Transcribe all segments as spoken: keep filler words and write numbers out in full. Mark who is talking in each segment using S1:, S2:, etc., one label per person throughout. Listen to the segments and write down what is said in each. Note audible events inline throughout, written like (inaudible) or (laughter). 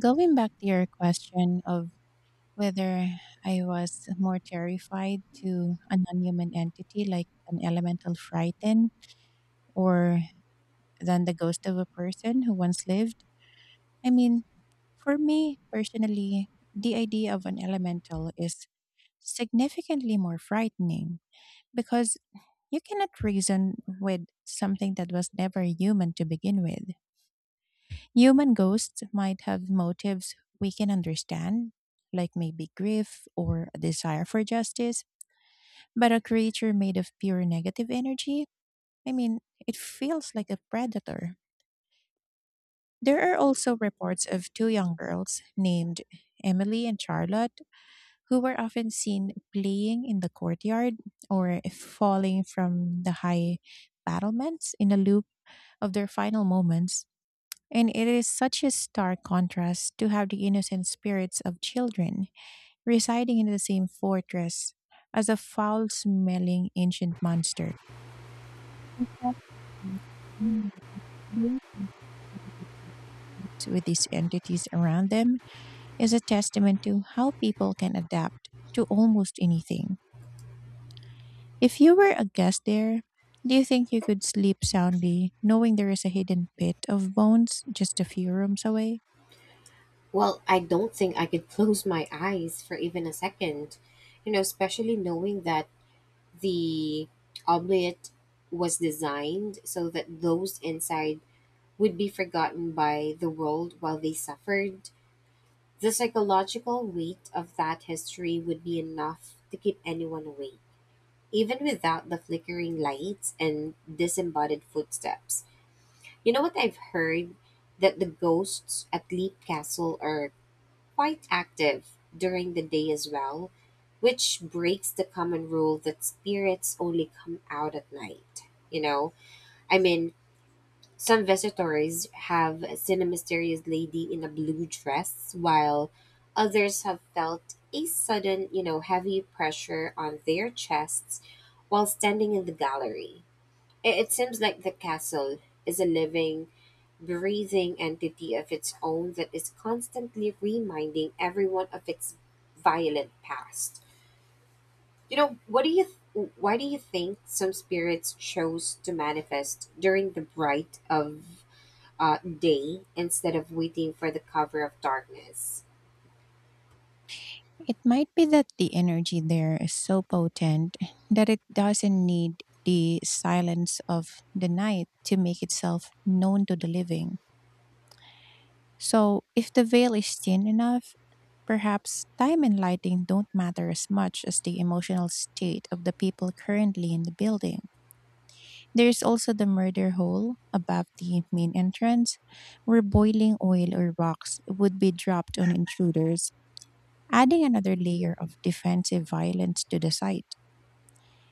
S1: Going back to your question of whether I was more terrified to a non human entity like an elemental frighten or than the ghost of a person who once lived, I mean, for me personally, the idea of an elemental is significantly more frightening because you cannot reason with something that was never human to begin with. Human ghosts might have motives we can understand, like maybe grief or a desire for justice, but a creature made of pure negative energy, I mean, it feels like a predator. There are also reports of two young girls named Emily and Charlotte who were often seen playing in the courtyard or falling from the high battlements in a loop of their final moments. And it is such a stark contrast to have the innocent spirits of children residing in the same fortress as a foul smelling ancient monster with these entities around them is a testament to how people can adapt to almost anything. If you were a guest there, do you think you could sleep soundly knowing there is a hidden pit of bones just a few rooms away?
S2: Well, I don't think I could (laughs) close my eyes for even a second, you know, especially knowing that the omelette was designed so that those inside would be forgotten by the world while they suffered. The psychological weight of that history would be enough to keep anyone awake, even without the flickering lights and disembodied footsteps. You know what I've heard? That the ghosts at Leap Castle are quite active during the day as well, which breaks the common rule that spirits only come out at night. You know, I mean, some visitors have seen a mysterious lady in a blue dress, while others have felt a sudden, you know, heavy pressure on their chests while standing in the gallery. It, it seems like the castle is a living, breathing entity of its own that is constantly reminding everyone of its violent past. You know, what do you th- why do you think some spirits chose to manifest during the bright of uh, day instead of waiting for the cover of darkness?
S1: It might be that the energy there is so potent that it doesn't need the silence of the night to make itself known to the living. So, if the veil is thin enough, perhaps time and lighting don't matter as much as the emotional state of the people currently in the building. There's also the murder hole above the main entrance, where boiling oil or rocks would be dropped on intruders adding another layer of defensive violence to the site.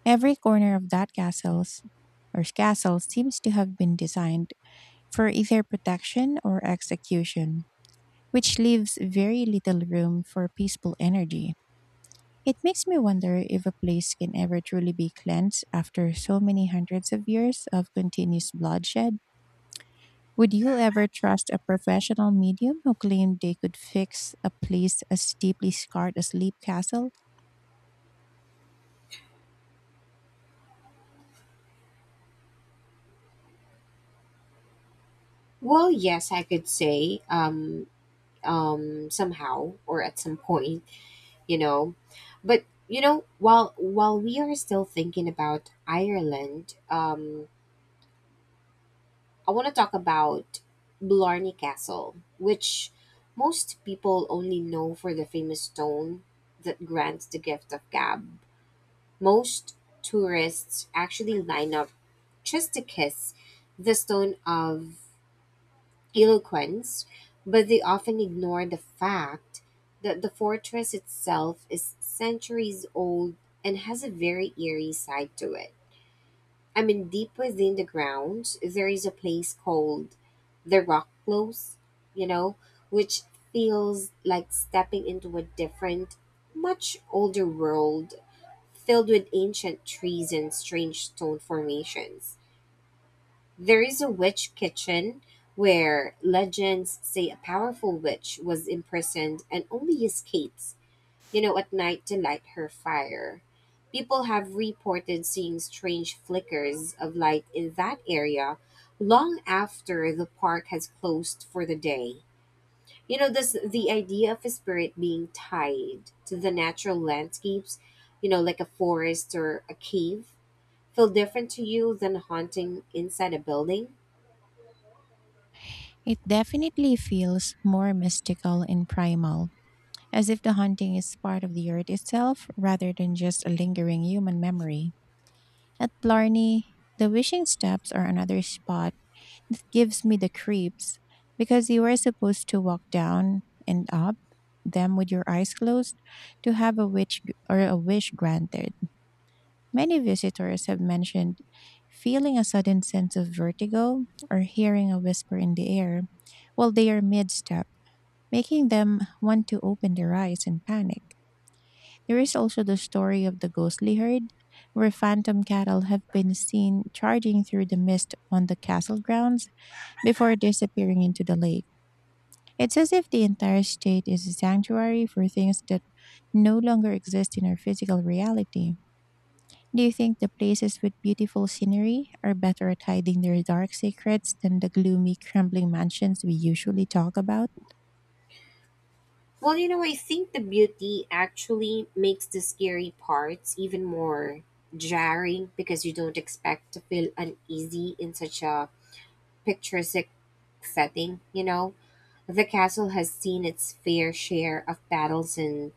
S1: Every corner of that castle's or castle seems to have been designed for either protection or execution, which leaves very little room for peaceful energy. It makes me wonder if a place can ever truly be cleansed after so many hundreds of years of continuous bloodshed. Would you ever trust a professional medium who claimed they could fix a place as deeply scarred as Leap Castle?
S2: Well, yes, I could say um um somehow or at some point. you know but you know while while we are still thinking about ireland, um I want to talk about blarney castle, which most people only know for the famous stone that grants the gift of gab. Most tourists actually line up just to kiss the stone of eloquence, but they often ignore the fact that the fortress itself is centuries old and has a very eerie side to it. I mean, deep within the grounds, there is a place called the Rock Close, you know, which feels like stepping into a different, much older world filled with ancient trees and strange stone formations. There is a witch kitchen where legends say a powerful witch was imprisoned and only escapes, you know, at night to light her fire. People have reported seeing strange flickers of light in that area long after the park has closed for the day. You know, this the idea of a spirit being tied to the natural landscapes, you know, like a forest or a cave, feel different to you than haunting inside a building?
S1: It definitely feels more mystical and primal, as if the haunting is part of the earth itself rather than just a lingering human memory. At Blarney, the wishing steps are another spot that gives me the creeps because you are supposed to walk down and up them with your eyes closed to have a wish or a wish granted. Many visitors have mentioned feeling a sudden sense of vertigo or hearing a whisper in the air while they are mid-step making them want to open their eyes in panic. There is also the story of the ghostly herd, where phantom cattle have been seen charging through the mist on the castle grounds before disappearing into the lake. It's as if the entire state is a sanctuary for things that no longer exist in our physical reality. Do you think the places with beautiful scenery are better at hiding their dark secrets than the gloomy, crumbling mansions we usually talk about?
S2: Well, you know, I think the beauty actually makes the scary parts even more jarring because you don't expect to feel uneasy in such a picturesque setting, you know. The castle has seen its fair share of battles and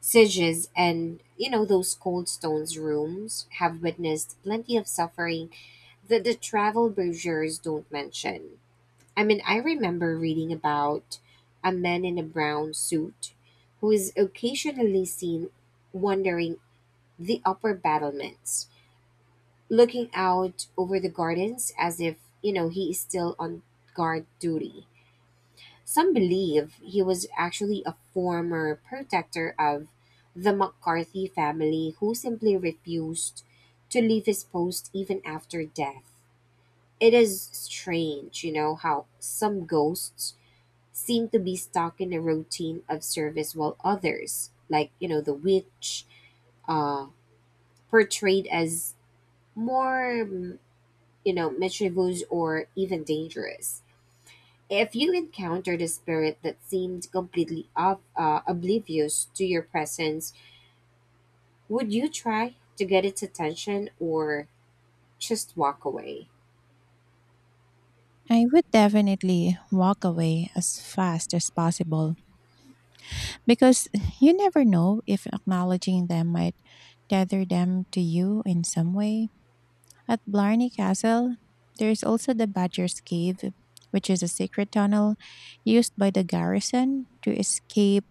S2: sieges, and you know, those cold stones rooms have witnessed plenty of suffering that the travel brochures don't mention. I mean, I remember reading about a man in a brown suit who is occasionally seen wandering the upper battlements, looking out over the gardens as if, you know, he is still on guard duty. Some believe he was actually a former protector of the McCarthy family who simply refused to leave his post even after death. It is strange, you know, how some ghosts seem to be stuck in a routine of service, while others, like you know the witch, uh portrayed as more mm, you know mischievous or even dangerous. If you encountered a spirit that seemed completely ob- uh, oblivious to your presence, would you try to get its attention or just walk away?
S1: I would definitely walk away as fast as possible because you never know if acknowledging them might tether them to you in some way. At Blarney Castle, there is also the Badger's Cave, which is a secret tunnel used by the garrison to escape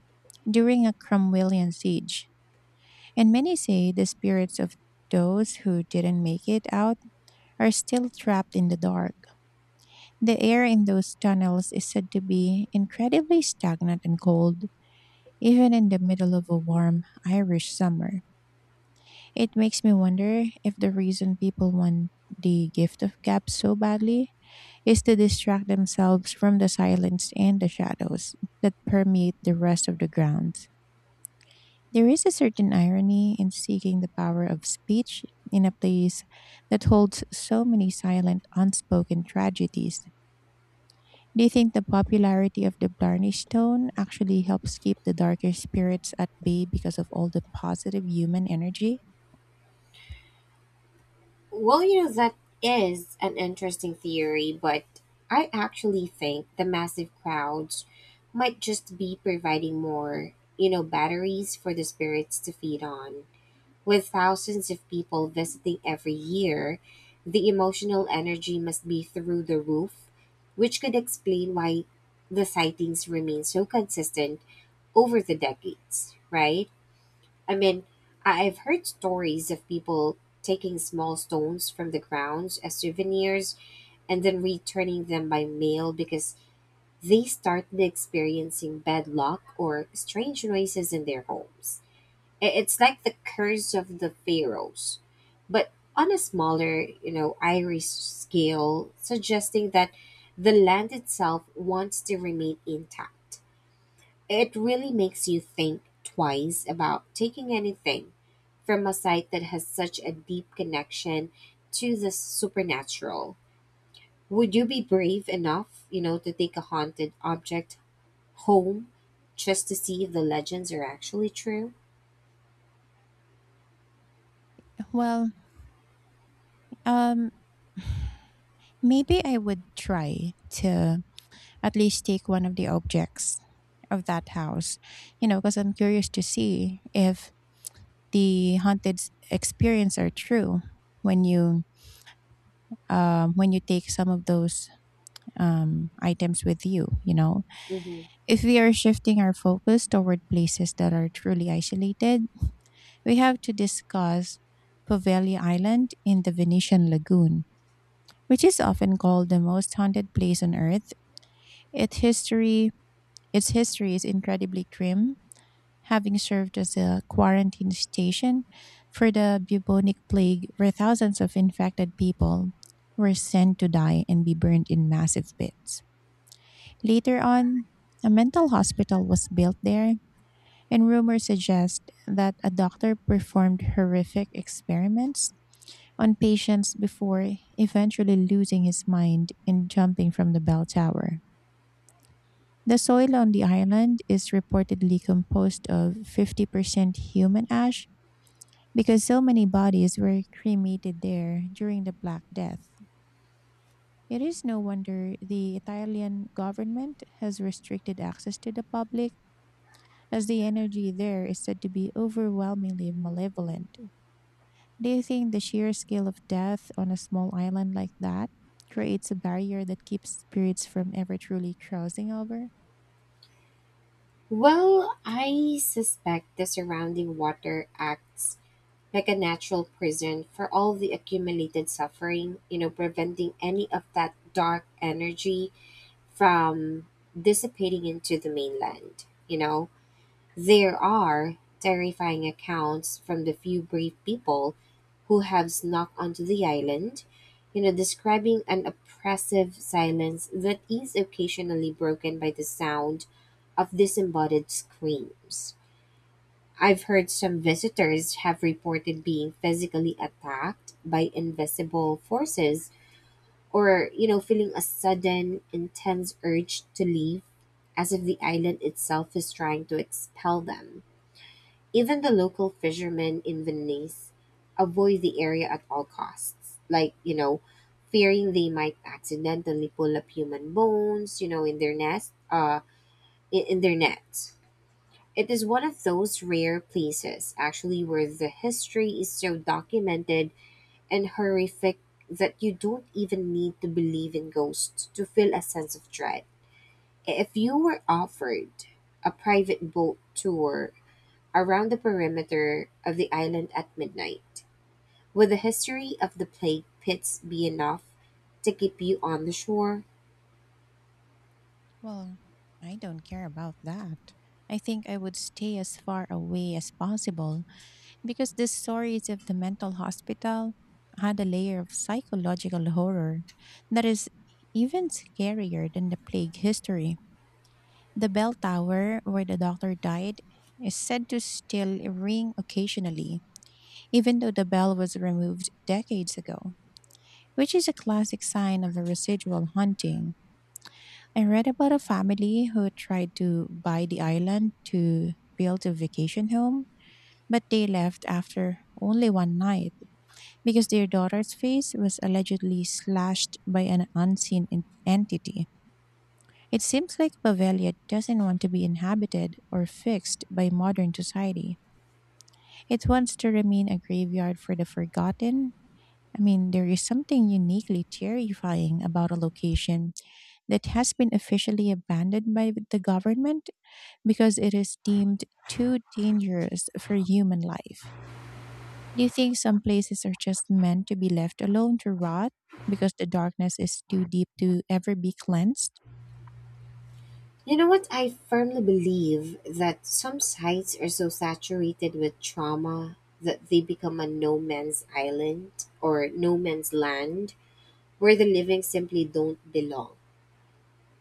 S1: during a Cromwellian siege. And many say the spirits of those who didn't make it out are still trapped in the dark. The air in those tunnels is said to be incredibly stagnant and cold, even in the middle of a warm Irish summer. It makes me wonder if the reason people want the gift of gab so badly is to distract themselves from the silence and the shadows that permeate the rest of the grounds. There is a certain irony in seeking the power of speech in a place that holds so many silent, unspoken tragedies. Do you think the popularity of the Blarney Stone actually helps keep the darker spirits at bay because of all the positive human energy?
S2: Well, you know, that is an interesting theory, but I actually think the massive crowds might just be providing more, you know, batteries for the spirits to feed on. With thousands of people visiting every year, the emotional energy must be through the roof, which could explain why the sightings remain so consistent over the decades, right? I mean, I- I've heard stories of people taking small stones from the ground as souvenirs and then returning them by mail because they started experiencing bad luck or strange noises in their homes. I- It's like the curse of the pharaohs, but on a smaller, you know, Irish scale, suggesting that the land itself wants to remain intact. It really makes you think twice about taking anything from a site that has such a deep connection to the supernatural. Would you be brave enough, you know, to take a haunted object home just to see if the legends are actually true?
S1: Well, um, maybe I would try to at least take one of the objects of that house, you know, because I'm curious to see if the haunted s- experience are true when you um, when you take some of those um, items with you, you know
S2: Hmm.
S1: If we are shifting our focus toward places that are truly isolated, we have to discuss Poveglia Island in the Venetian Lagoon, which is often called the most haunted place on Earth. Its history, its history is incredibly grim, having served as a quarantine station for the bubonic plague, where thousands of infected people were sent to die and be burned in massive pits. Later on, a mental hospital was built there and rumors suggest that a doctor performed horrific experiments on patients before eventually losing his mind and jumping from the bell tower. The soil on the island is reportedly composed of fifty percent human ash because so many bodies were cremated there during the Black Death. It is no wonder the Italian government has restricted access to the public, as the energy there is said to be overwhelmingly malevolent. Do you think the sheer scale of death on a small island like that creates a barrier that keeps spirits from ever truly crossing over?
S2: Well, I suspect the surrounding water acts like a natural prison for all the accumulated suffering, you know, preventing any of that dark energy from dissipating into the mainland. You know, there are terrifying accounts from the few brave people who have snuck onto the island, you know, describing an oppressive silence that is occasionally broken by the sound of disembodied screams. I've heard some visitors have reported being physically attacked by invisible forces, or you know feeling a sudden intense urge to leave, as if the island itself is trying to expel them. Even the local fishermen in venice avoid the area at all costs, like you know fearing they might accidentally pull up human bones, you know in their nest, uh in, in their nets. It is one of those rare places actually where the history is so documented and horrific that you don't even need to believe in ghosts to feel a sense of dread. If you were offered a private boat tour around the perimeter of the island at midnight, would the history of the plague pits be enough to keep you on the shore?
S1: Well, I don't care about that. I think I would stay as far away as possible because the stories of the mental hospital had a layer of psychological horror that is even scarier than the plague history. The bell tower where the doctor died is said to still ring occasionally, even though the bell was removed decades ago, which is a classic sign of a residual haunting. I read about a family who tried to buy the island to build a vacation home, but they left after only one night because their daughter's face was allegedly slashed by an unseen en- entity. It seems like Bavaria doesn't want to be inhabited or fixed by modern society. It wants to remain a graveyard for the forgotten. I mean, there is something uniquely terrifying about a location that has been officially abandoned by the government because it is deemed too dangerous for human life. Do you think some places are just meant to be left alone to rot because the darkness is too deep to ever be cleansed?
S2: You know what? I firmly believe that some sites are so saturated with trauma that they become a no man's island, or no man's land, where the living simply don't belong.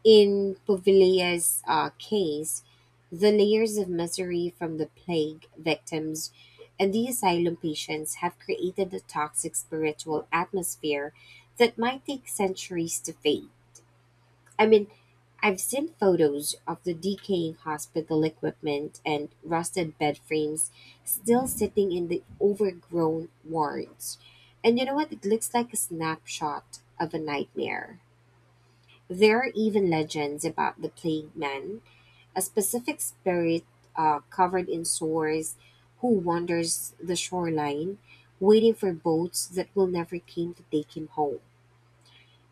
S2: In Povilia's uh, case, the layers of misery from the plague victims and the asylum patients have created a toxic spiritual atmosphere that might take centuries to fade. I mean, I've seen photos of the decaying hospital equipment and rusted bed frames still sitting in the overgrown wards. And you know what? It looks like a snapshot of a nightmare. There are even legends about the Plague Man, a specific spirit, uh, covered in sores, who wanders the shoreline, waiting for boats that will never came to take him home.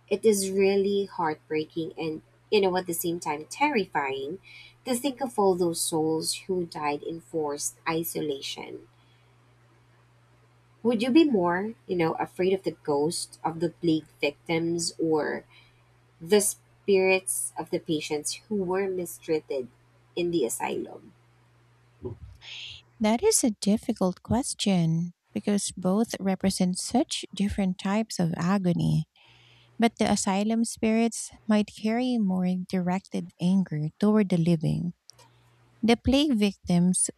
S2: It is really heartbreaking and, you know, at the same time terrifying to think of all those souls who died in forced isolation. Would you be more, you know, afraid of the ghost of the plague victims, or the spirits of the patients who were mistreated in the asylum?
S1: That is a difficult question because both represent such different types of agony. But the asylum spirits might carry more directed anger toward the living. The plague victims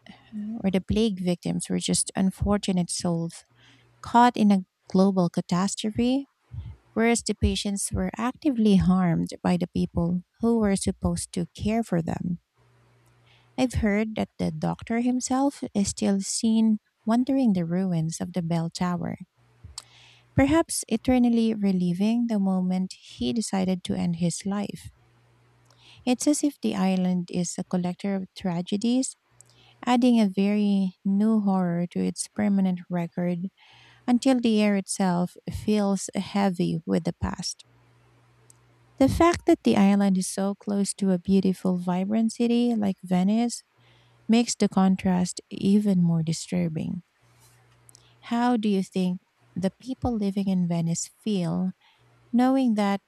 S1: or the plague victims were just unfortunate souls caught in a global catastrophe, whereas the patients were actively harmed by the people who were supposed to care for them. I've heard that the doctor himself is still seen wandering the ruins of the bell tower, perhaps eternally reliving the moment he decided to end his life. It's as if the island is a collector of tragedies, adding a very new horror to its permanent record until the air itself feels heavy with the past. The fact that the island is so close to a beautiful, vibrant city like Venice makes the contrast even more disturbing. How do you think the people living in Venice feel knowing that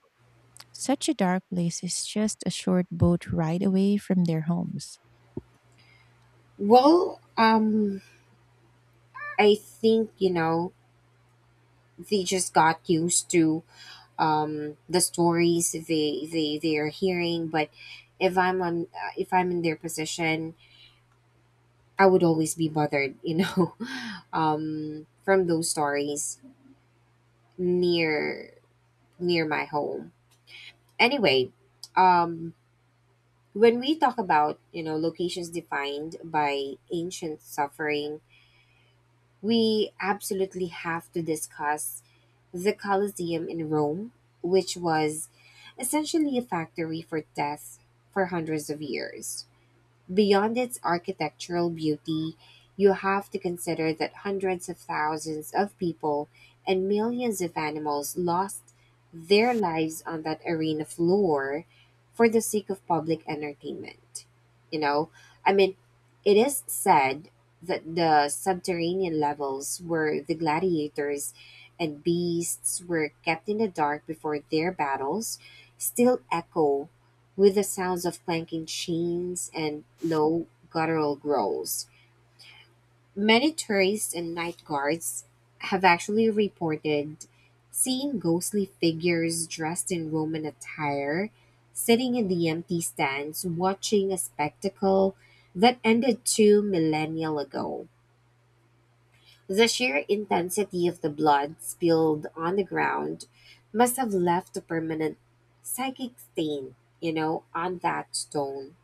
S1: such a dark place is just a short boat ride away from their homes?
S2: Well, um, I think you know they just got used to um, the stories they they they are hearing. But if I'm on uh, if I'm in their position, I would always be bothered, you know, (laughs) um, from those stories near near my home. Anyway, um, when we talk about you know locations defined by ancient suffering, we absolutely have to discuss the colosseum in rome, which was essentially a factory for death for hundreds of years. Beyond its architectural beauty, you have to consider that hundreds of thousands of people and millions of animals lost their lives on that arena floor for the sake of public entertainment. You know, I mean, it is said that the subterranean levels where the gladiators and beasts were kept in the dark before their battles still echo with the sounds of clanking chains and low guttural growls. Many tourists and night guards have actually reported seeing ghostly figures dressed in Roman attire sitting in the empty stands watching a spectacle that ended two millennia ago. The sheer intensity of the blood spilled on the ground must have left a permanent psychic stain, you know, on that stone.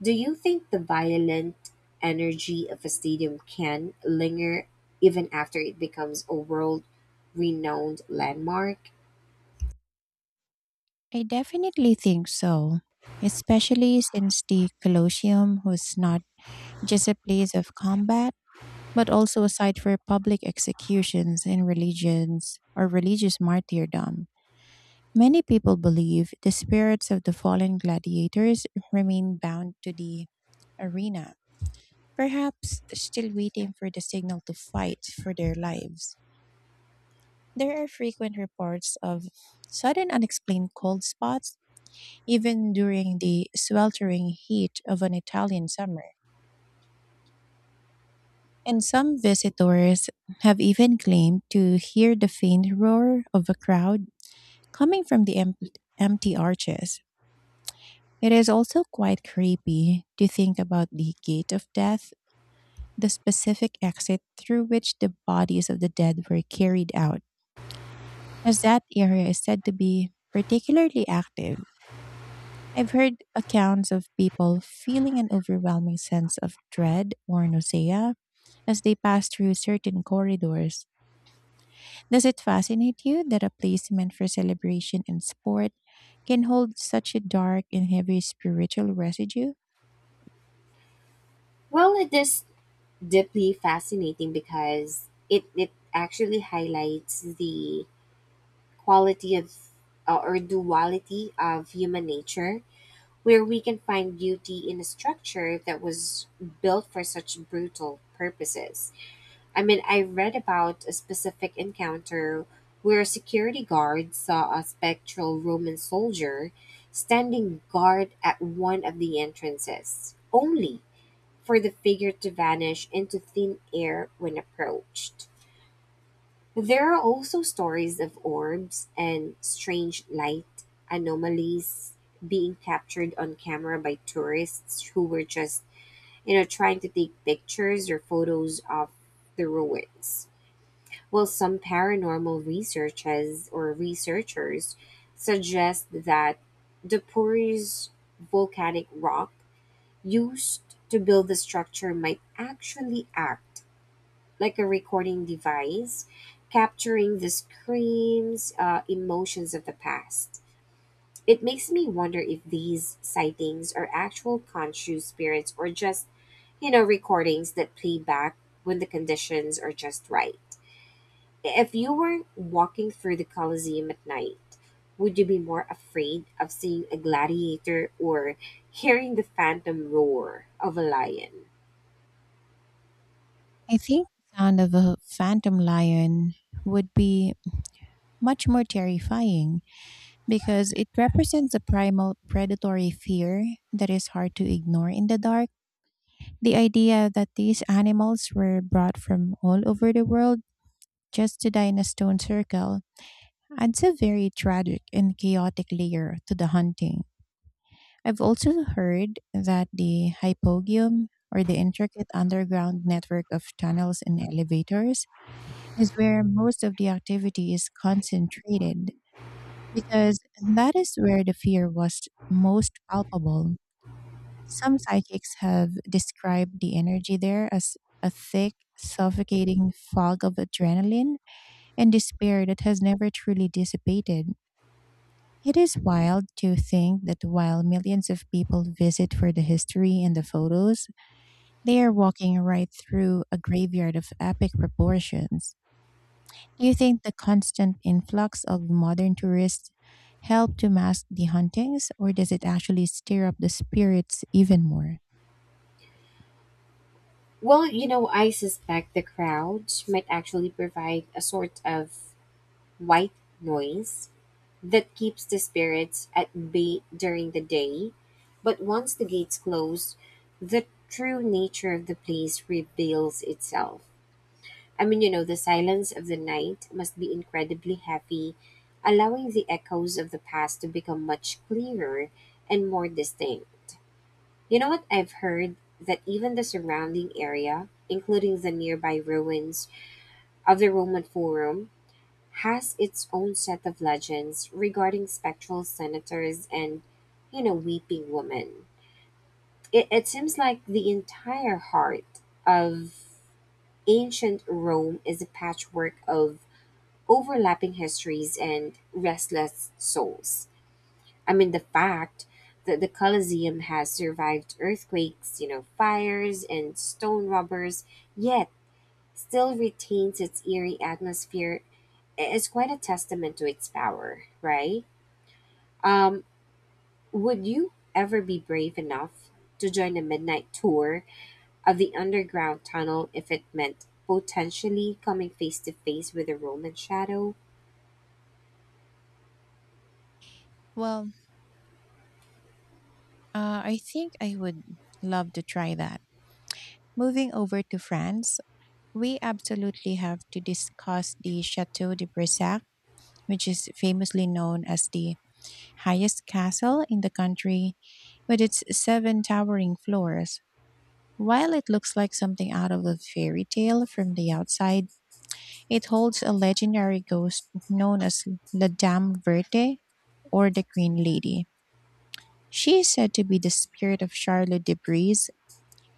S2: Do you think the violent energy of a stadium can linger even after it becomes a world renowned landmark?
S1: I definitely think so, especially since the Colosseum was not just a place of combat, but also a site for public executions and religions or religious martyrdom. Many people believe the spirits of the fallen gladiators remain bound to the arena, perhaps still waiting for the signal to fight for their lives. There are frequent reports of sudden unexplained cold spots even during the sweltering heat of an Italian summer. And some visitors have even claimed to hear the faint roar of a crowd coming from the em- empty arches. It is also quite creepy to think about the gate of death, the specific exit through which the bodies of the dead were carried out, as that area is said to be particularly active. I've heard accounts of people feeling an overwhelming sense of dread or nausea as they pass through certain corridors. Does it fascinate you that a place meant for celebration and sport can hold such a dark and heavy spiritual residue?
S2: Well, it is deeply fascinating because it, it actually highlights the quality of uh, or duality of human nature, where we can find beauty in a structure that was built for such brutal purposes. I mean, I read about a specific encounter where a security guard saw a spectral Roman soldier standing guard at one of the entrances, only for the figure to vanish into thin air when approached. There are also stories of orbs and strange light anomalies being captured on camera by tourists who were just, you know, trying to take pictures or photos of the ruins. Well, some paranormal researchers or researchers suggest that the porous volcanic rock used to build the structure might actually act like a recording device, capturing the screams, uh, emotions of the past. It makes me wonder if these sightings are actual conscious spirits, or just, you know, recordings that play back when the conditions are just right. If you were walking through the Colosseum at night, would you be more afraid of seeing a gladiator or hearing the phantom roar of a lion?
S1: I think the sound of a phantom lion would be much more terrifying because it represents a primal predatory fear that is hard to ignore in the dark. The idea that these animals were brought from all over the world just to die in a stone circle adds a very tragic and chaotic layer to the hunting. I've also heard that the hypogeum, or the intricate underground network of tunnels and elevators, is where most of the activity is concentrated because that is where the fear was most palpable. Some psychics have described the energy there as a thick, suffocating fog of adrenaline and despair that has never truly dissipated. It is wild to think that while millions of people visit for the history and the photos, they are walking right through a graveyard of epic proportions. Do you think the constant influx of modern tourists help to mask the hauntings, or does it actually stir up the spirits even more?
S2: Well, you know, I suspect the crowds might actually provide a sort of white noise that keeps the spirits at bay during the day. But once the gates close, the true nature of the place reveals itself. I mean, you know, the silence of the night must be incredibly heavy, allowing the echoes of the past to become much clearer and more distinct. You know what? I've heard that even the surrounding area, including the nearby ruins of the Roman Forum, has its own set of legends regarding spectral senators and, you know, weeping women. It, it seems like the entire heart of ancient Rome is a patchwork of overlapping histories and restless souls. I mean, the fact that the Colosseum has survived earthquakes, you know, fires, and stone robbers, yet still retains its eerie atmosphere, is quite a testament to its power, right? Um, would you ever be brave enough to join a midnight tour of the underground tunnel if it meant potentially coming face to face with a Roman shadow?
S1: Well, Uh, I think I would love to try that. Moving over to France, we absolutely have to discuss the Chateau de Brissac, which is famously known as the highest castle in the country with its seven towering floors. While it looks like something out of a fairy tale from the outside, it holds a legendary ghost known as La Dame Verte or the Green Lady. She is said to be the spirit of Charlotte de Brie,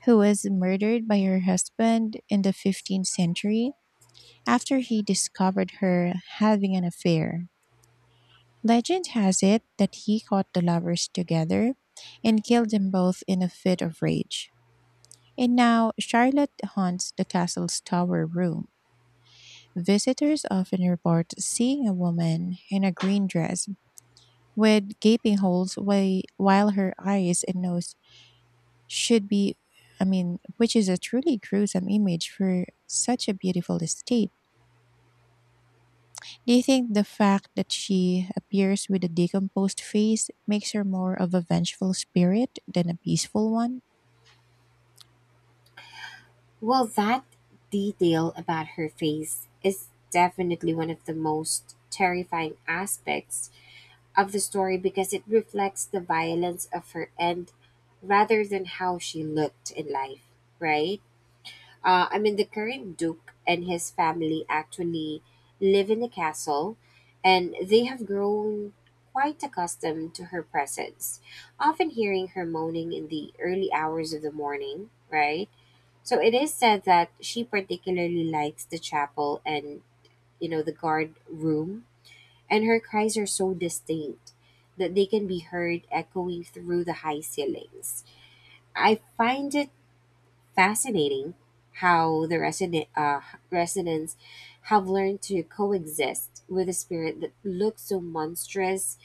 S1: who was murdered by her husband in the fifteenth century after he discovered her having an affair. Legend has it that he caught the lovers together and killed them both in a fit of rage. And now Charlotte haunts the castle's tower room. Visitors often report seeing a woman in a green dress with gaping holes whi- while her eyes and nose should be. I mean, which is a truly gruesome image for such a beautiful estate. Do you think the fact that she appears with a decomposed face makes her more of a vengeful spirit than a peaceful one?
S2: Well, that detail about her face is definitely one of the most terrifying aspects of the story because it reflects the violence of her end rather than how she looked in life, right? Uh, I mean, the current Duke and his family actually live in a castle, and they have grown quite accustomed to her presence, often hearing her moaning in the early hours of the morning, right? So it is said that she particularly likes the chapel and, you know, the guard room, and her cries are so distinct that they can be heard echoing through the high ceilings. I find it fascinating how the resident uh, residents have learned to coexist with a spirit that looks so monstrous,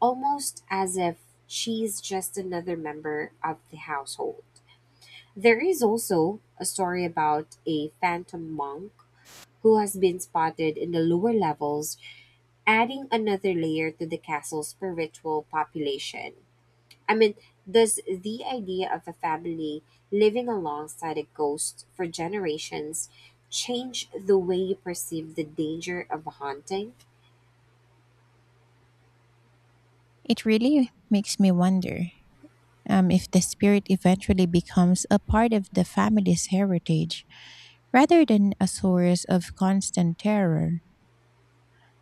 S2: almost as if she's just another member of the household. There is also a story about a phantom monk who has been spotted in the lower levels, adding another layer to the castle's spiritual population. I mean, does the idea of a family living alongside a ghost for generations change the way you perceive the danger of a haunting?
S1: It really makes me wonder um, if the spirit eventually becomes a part of the family's heritage rather than a source of constant terror.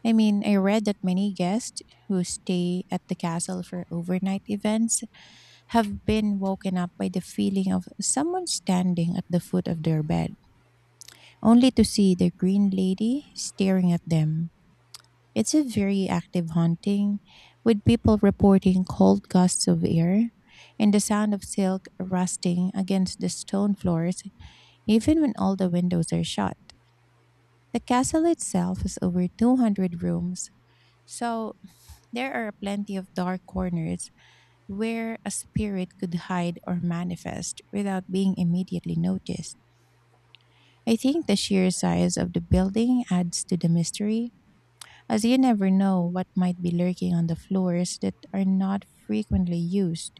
S1: I mean, I read that many guests who stay at the castle for overnight events have been woken up by the feeling of someone standing at the foot of their bed, only to see the green lady staring at them. It's a very active haunting, with people reporting cold gusts of air and the sound of silk rusting against the stone floors, even when all the windows are shut. The castle itself has over two hundred rooms, so there are plenty of dark corners where a spirit could hide or manifest without being immediately noticed. I think the sheer size of the building adds to the mystery, as you never know what might be lurking on the floors that are not frequently used.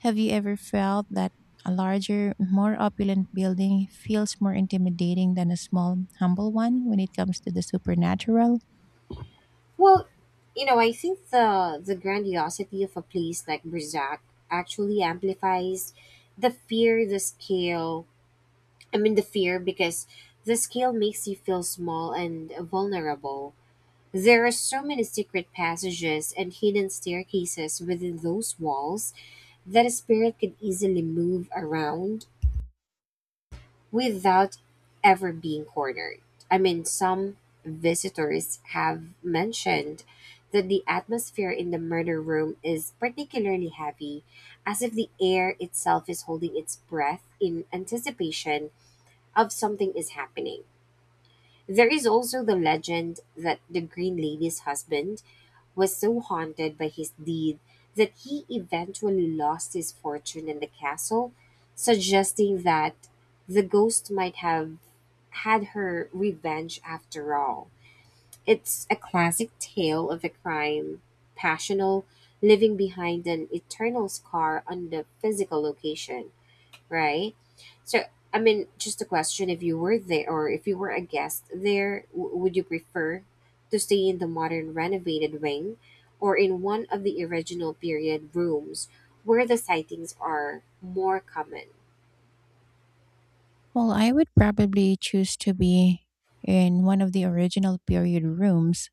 S1: Have you ever felt that a larger, more opulent building feels more intimidating than a small, humble one when it comes to the supernatural?
S2: Well, you know, I think the the grandiosity of a place like Brzak actually amplifies the fear, the scale, I mean, the fear, because the scale makes you feel small and vulnerable. There are so many secret passages and hidden staircases within those walls that a spirit could easily move around without ever being cornered. I mean, some visitors have mentioned that the atmosphere in the murder room is particularly heavy, as if the air itself is holding its breath in anticipation of something is happening. There is also the legend that the Green Lady's husband was so haunted by his deed that he eventually lost his fortune in the castle, suggesting that the ghost might have had her revenge after all. It's a classic tale of a crime, passional, leaving behind an eternal scar on the physical location, right? So, I mean, just a question: if you were there, or if you were a guest there, w- would you prefer to stay in the modern renovated wing, or in one of the original period rooms where the sightings are more common?
S1: Well, I would probably choose to be in one of the original period rooms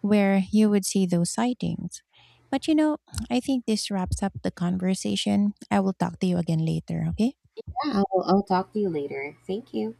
S1: where you would see those sightings. But you know, I think this wraps up the conversation. I will talk to you again later, okay?
S2: Yeah, I'll, I'll talk to you later. Thank you.